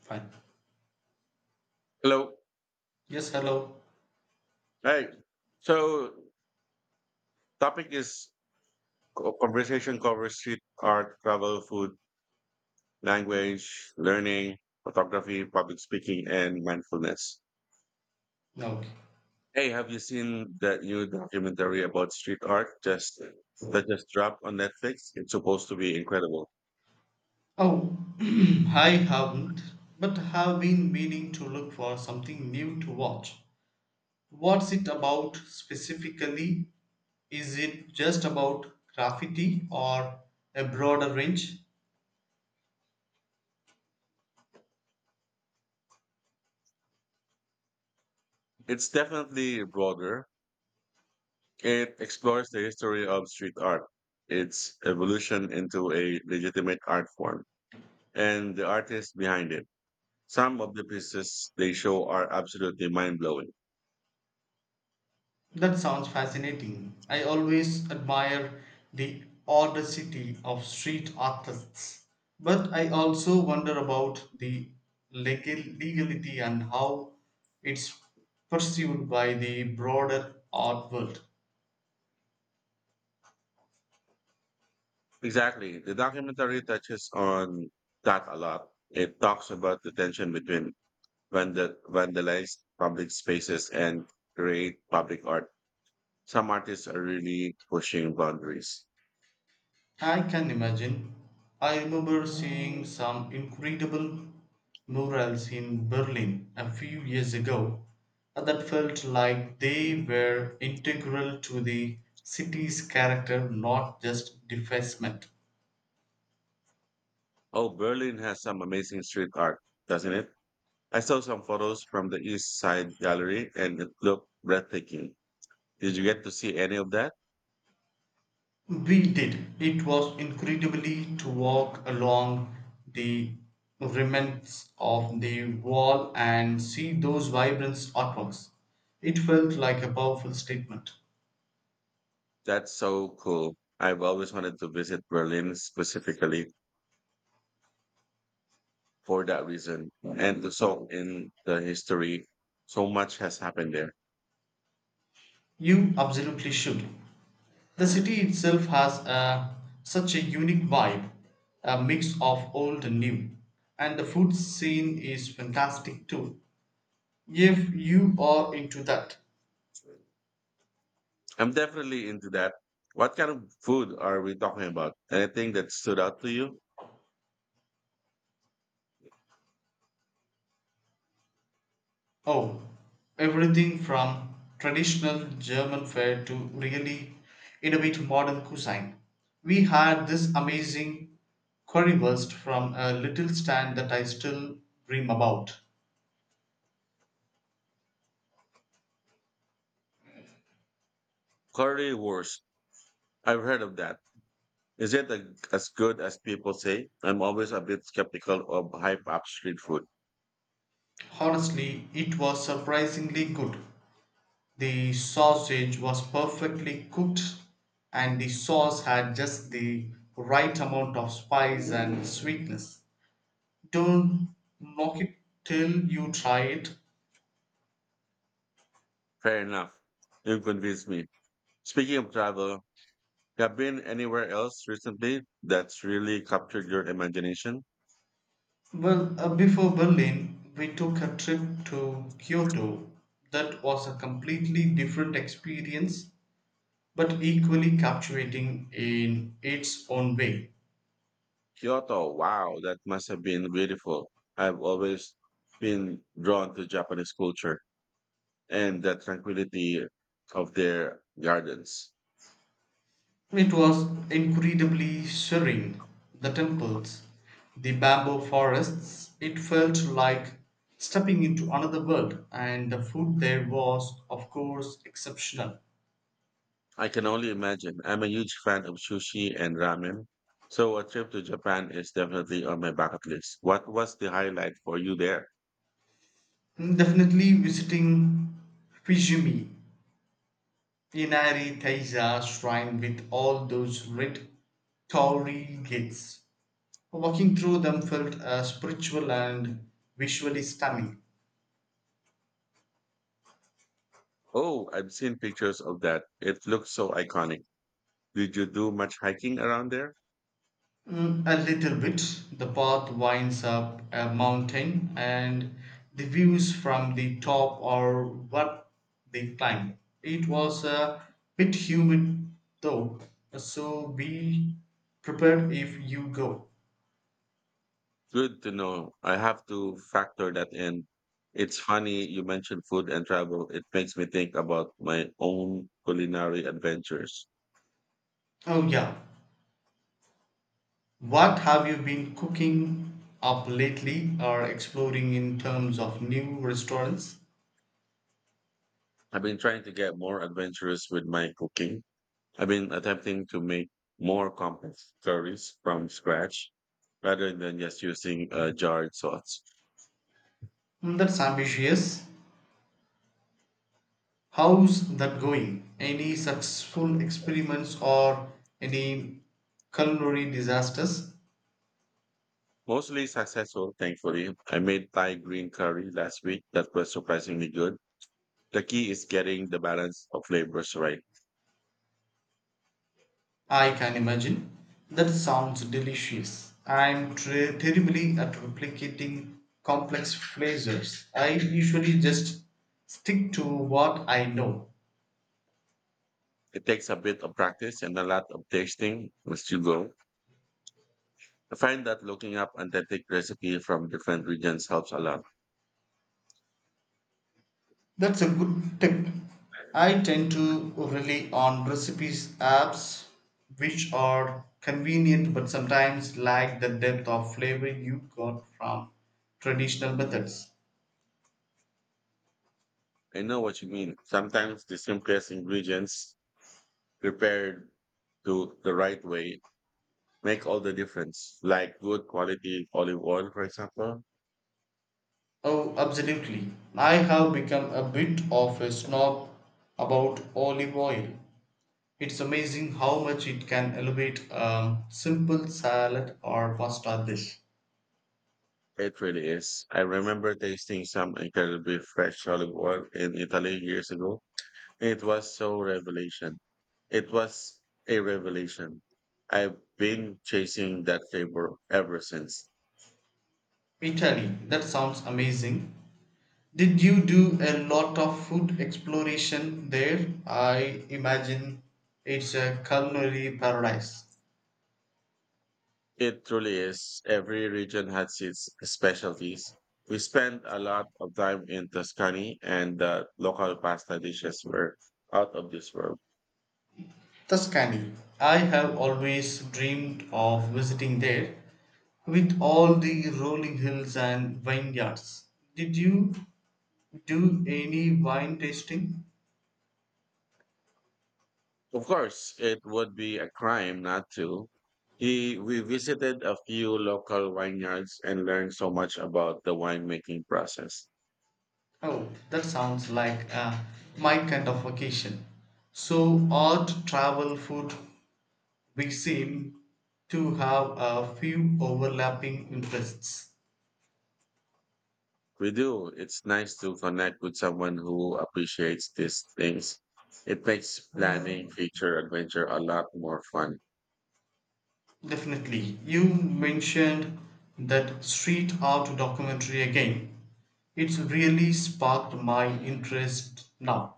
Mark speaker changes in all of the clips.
Speaker 1: Fine.
Speaker 2: Hello.
Speaker 1: Yes, hello.
Speaker 2: Hi. So, topic is conversation covers street art, travel, food, language, learning, photography, public speaking, and mindfulness.
Speaker 1: Yeah, okay.
Speaker 2: Hey, have you seen that new documentary about street art just that just dropped on Netflix? It's supposed to be incredible.
Speaker 1: Oh, I haven't, but have been meaning to look for something new to watch. What's it about specifically? Is it just about graffiti or a broader range?
Speaker 2: It's definitely broader. It explores the history of street art, its evolution into a legitimate art form, and the artists behind it. Some of the pieces they show are absolutely mind blowing.
Speaker 1: That sounds fascinating. I always admire the audacity of street artists, but I also wonder about the legal legality and how it's perceived by the broader art world.
Speaker 2: Exactly. The documentary touches on that a lot. It talks about the tension between vandalized public spaces and great public art. Some artists are really pushing boundaries.
Speaker 1: I can imagine. I remember seeing some incredible murals in Berlin a few years ago that felt like they were integral to the city's character, not just defacement.
Speaker 2: Oh, Berlin has some amazing street art, doesn't it? I saw some photos from the East Side Gallery and it looked breathtaking. Did you get to see any of that?
Speaker 1: We did. It was incredibly to walk along the remnants of the wall and see those vibrant artworks. It felt like a powerful statement.
Speaker 2: That's so cool. I've always wanted to visit Berlin specifically for that reason and the song in the history, so much has happened there.
Speaker 1: You absolutely should. The city itself has a, such a unique vibe, a mix of old and new, and the food scene is fantastic too. If you are into that,
Speaker 2: I'm definitely into that. What kind of food are we talking about? Anything that stood out to you?
Speaker 1: oh, everything from traditional German fare to really innovative modern cuisine. We had this amazing currywurst from a little stand that I still dream about.
Speaker 2: Currywurst, I've heard of that. Is it a, as good as people say? I'm always a bit skeptical of hype up street food.
Speaker 1: Honestly, it was surprisingly good. The sausage was perfectly cooked, and the sauce had just the right amount of spice and sweetness. Don't knock it till you try it.
Speaker 2: Fair enough, you convinced me. Speaking of travel, have you been anywhere else recently that's really captured your imagination?
Speaker 1: Well, before Berlin, we took a trip to Kyoto. That was a completely different experience, but equally captivating in its own way.
Speaker 2: Kyoto, wow, that must have been beautiful. I've always been drawn to Japanese culture and the tranquility of their gardens.
Speaker 1: It was incredibly serene. The temples, the bamboo forests, it felt like stepping into another world, and the food there was, of course, exceptional.
Speaker 2: I can only imagine. I'm a huge fan of sushi and ramen, so a trip to Japan is definitely on my bucket list. What was the highlight for you there?
Speaker 1: Definitely visiting Fujimi, Inari Taisha shrine with all those red torii gates. Walking through them felt spiritual and visually stunning.
Speaker 2: Oh, I've seen pictures of that. It looks so iconic. Did you do much hiking around there?
Speaker 1: Mm, a little bit. The path winds up a mountain, and the views from the top are what they climb. It was a bit humid though, so be prepared if you go.
Speaker 2: Good to know. I have to factor that in. It's funny you mentioned food and travel. It makes me think about my own culinary adventures.
Speaker 1: Oh, yeah. What have you been cooking up lately or exploring in terms of new restaurants?
Speaker 2: I've been trying to get more adventurous with my cooking. I've been attempting to make more complex curries from scratch rather than just using a jarred sauce.
Speaker 1: Mm, that's ambitious. How's that going? Any successful experiments or any culinary disasters?
Speaker 2: Mostly successful, thankfully. I made Thai green curry last week that was surprisingly good. The key is getting the balance of flavors right.
Speaker 1: I can imagine. That sounds delicious. I'm terribly at replicating complex flavors. I usually just stick to what I know.
Speaker 2: It takes a bit of practice and a lot of tasting as you go. I find that looking up authentic recipe from different regions helps a lot.
Speaker 1: That's a good tip. I tend to rely on recipes apps which are convenient but sometimes lack the depth of flavor you got from traditional methods.
Speaker 2: I know what you mean. Sometimes the simplest ingredients prepared to the right way make all the difference. Like good quality olive oil, for example.
Speaker 1: Oh, absolutely. I have become a bit of a snob about olive oil. It's amazing how much it can elevate a simple salad or pasta dish.
Speaker 2: It really is. I remember tasting some incredibly fresh olive oil in Italy years ago. It was so revelation. It was a revelation. I've been chasing that flavor ever since.
Speaker 1: Italy, that sounds amazing. Did you do a lot of food exploration there? I imagine it's a culinary paradise.
Speaker 2: It truly is. Every region has its specialties. We spent a lot of time in Tuscany and the local pasta dishes were out of this world.
Speaker 1: Tuscany. I have always dreamed of visiting there with all the rolling hills and vineyards. Did you do any wine tasting?
Speaker 2: Of course, it would be a crime not to. He, we visited a few local vineyards and learned so much about the winemaking process.
Speaker 1: Oh, that sounds like my kind of vacation. So, art, travel, food, we seem to have a few overlapping interests.
Speaker 2: We do. It's nice to connect with someone who appreciates these things. It makes planning future adventure a lot more fun.
Speaker 1: Definitely. You mentioned that street art documentary again. It's really sparked my interest now.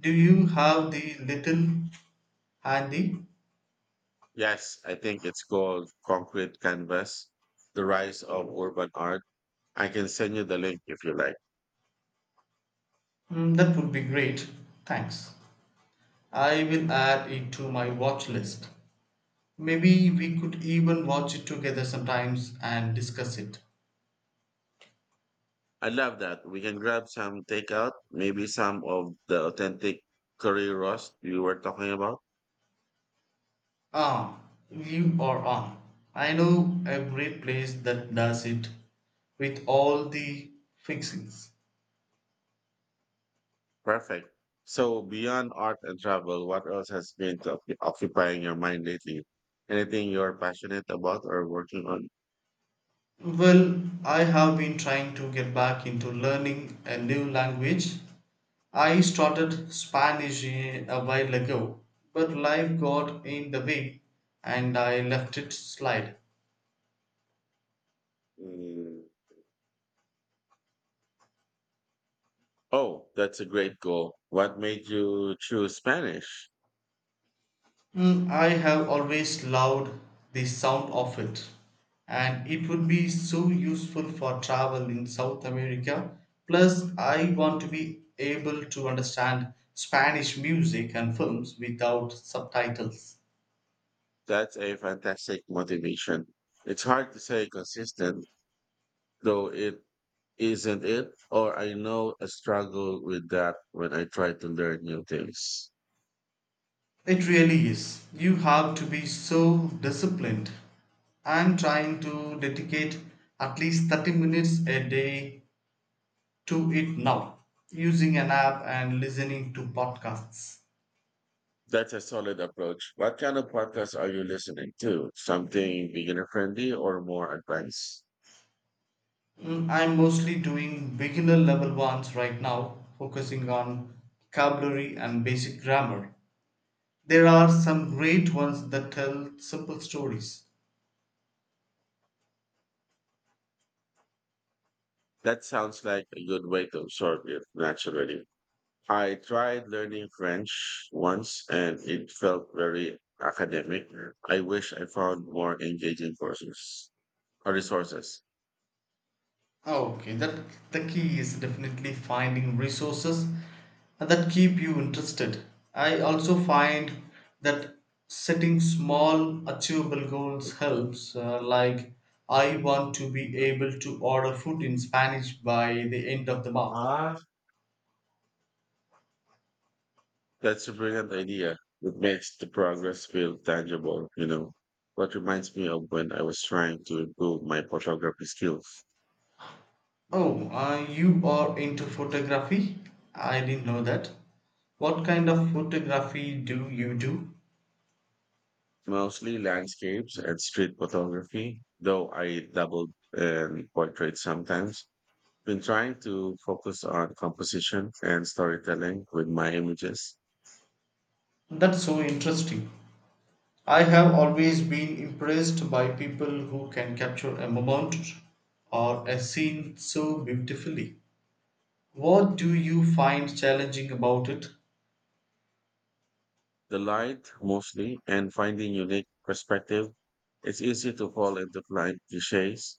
Speaker 1: Do you have the little handy?
Speaker 2: Yes, I think it's called Concrete Canvas, The Rise of Urban Art. I can send you the link if you like.
Speaker 1: Mm, that would be great. Thanks. I will add it to my watch list. Maybe we could even watch it together sometimes and discuss it.
Speaker 2: I love that. We can grab some takeout, maybe some of the authentic curry roast you were talking about.
Speaker 1: Ah, you are on. I know every place that does it with all the fixings.
Speaker 2: Perfect. So, beyond art and travel, what else has been occupying your mind lately? Anything you're passionate about or working on?
Speaker 1: Well, I have been trying to get back into learning a new language. I started Spanish a while ago, but life got in the way and I left it slide.
Speaker 2: Mm, oh, that's a great goal. What made you choose Spanish?
Speaker 1: Mm, I have always loved the sound of it, and it would be so useful for travel in South America. Plus, I want to be able to understand Spanish music and films without subtitles.
Speaker 2: That's a fantastic motivation. It's hard to say consistent, though it isn't it, or I know I struggle with that when I try to learn new things.
Speaker 1: It really is. You have to be so disciplined. I'm trying to dedicate at least 30 minutes a day to it now, using an app and listening to podcasts.
Speaker 2: That's a solid approach. What kind of podcasts are you listening to? Something beginner friendly or more advanced?
Speaker 1: Mm, I'm mostly doing beginner level ones right now, focusing on vocabulary and basic grammar. There are some great ones that tell simple stories.
Speaker 2: That sounds like a good way to absorb it naturally. I tried learning french once and it felt very academic. I wish I found more engaging courses or resources.
Speaker 1: Oh, okay, that the key is definitely finding resources that keep you interested. I also find that setting small achievable goals helps, like I want to be able to order food in Spanish by the end of the month.
Speaker 2: That's a brilliant idea. It makes the progress feel tangible, you know. What reminds me of when I was trying to improve my photography skills,
Speaker 1: Oh, you are into photography? I didn't know that. What kind of photography do you do?
Speaker 2: mostly landscapes and street photography, though I dabbled in portraits sometimes. Been trying to focus on composition and storytelling with my images,
Speaker 1: That's so interesting. I have always been impressed by people who can capture a moment or a scene so beautifully. What do you find challenging about it?
Speaker 2: the light mostly, and finding unique perspective. It's easy to fall into client cliches,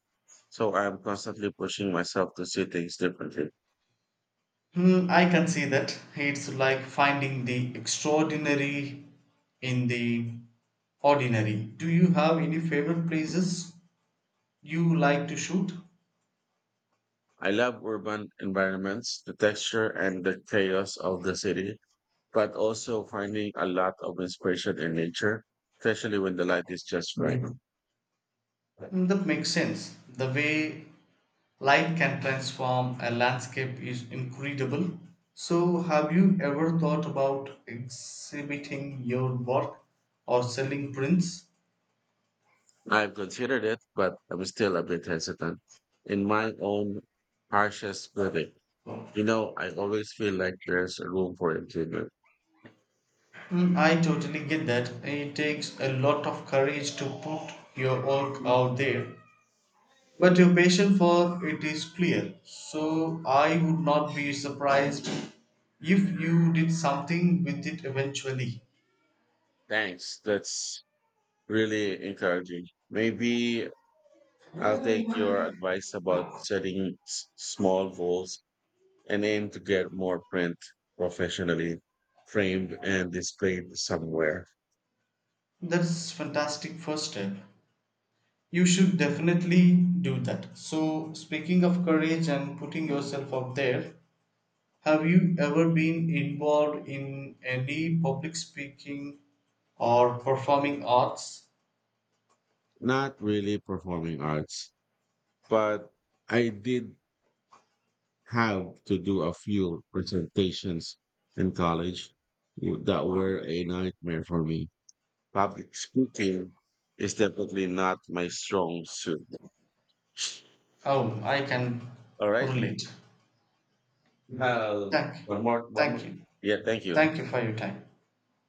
Speaker 2: so I'm constantly pushing myself to see things differently.
Speaker 1: Hmm, I can see that. It's like finding the extraordinary in the ordinary. Do you have any favorite places you like to shoot?
Speaker 2: I love urban environments, the texture and the chaos of the city, but also finding a lot of inspiration in nature, especially when the light is just right.
Speaker 1: Mm, that makes sense. The way light can transform a landscape is incredible. So, have you ever thought about exhibiting your work or selling prints?
Speaker 2: I've considered it, but I'm still a bit hesitant. In my own harshest critic, you know, I always feel like there's room for improvement.
Speaker 1: Mm, I totally get that. It takes a lot of courage to put your work out there, but your passion for it is clear. So, I would not be surprised if you did something with it eventually.
Speaker 2: Thanks. That's really encouraging. Maybe I'll take your advice about setting small goals and aim to get more print professionally framed and displayed somewhere.
Speaker 1: That's fantastic first step. You should definitely do that. So, speaking of courage and putting yourself out there, have you ever been involved in any public speaking or performing arts?
Speaker 2: Not really performing arts, but I did have to do a few presentations in college that were a nightmare for me. Public speaking is definitely not my strong suit.
Speaker 1: Oh, I can
Speaker 2: All right.
Speaker 1: relate.
Speaker 2: Uh,
Speaker 1: Thank, you.
Speaker 2: one more, one
Speaker 1: Thank
Speaker 2: more.
Speaker 1: you,
Speaker 2: Yeah, thank you.
Speaker 1: thank you for your time.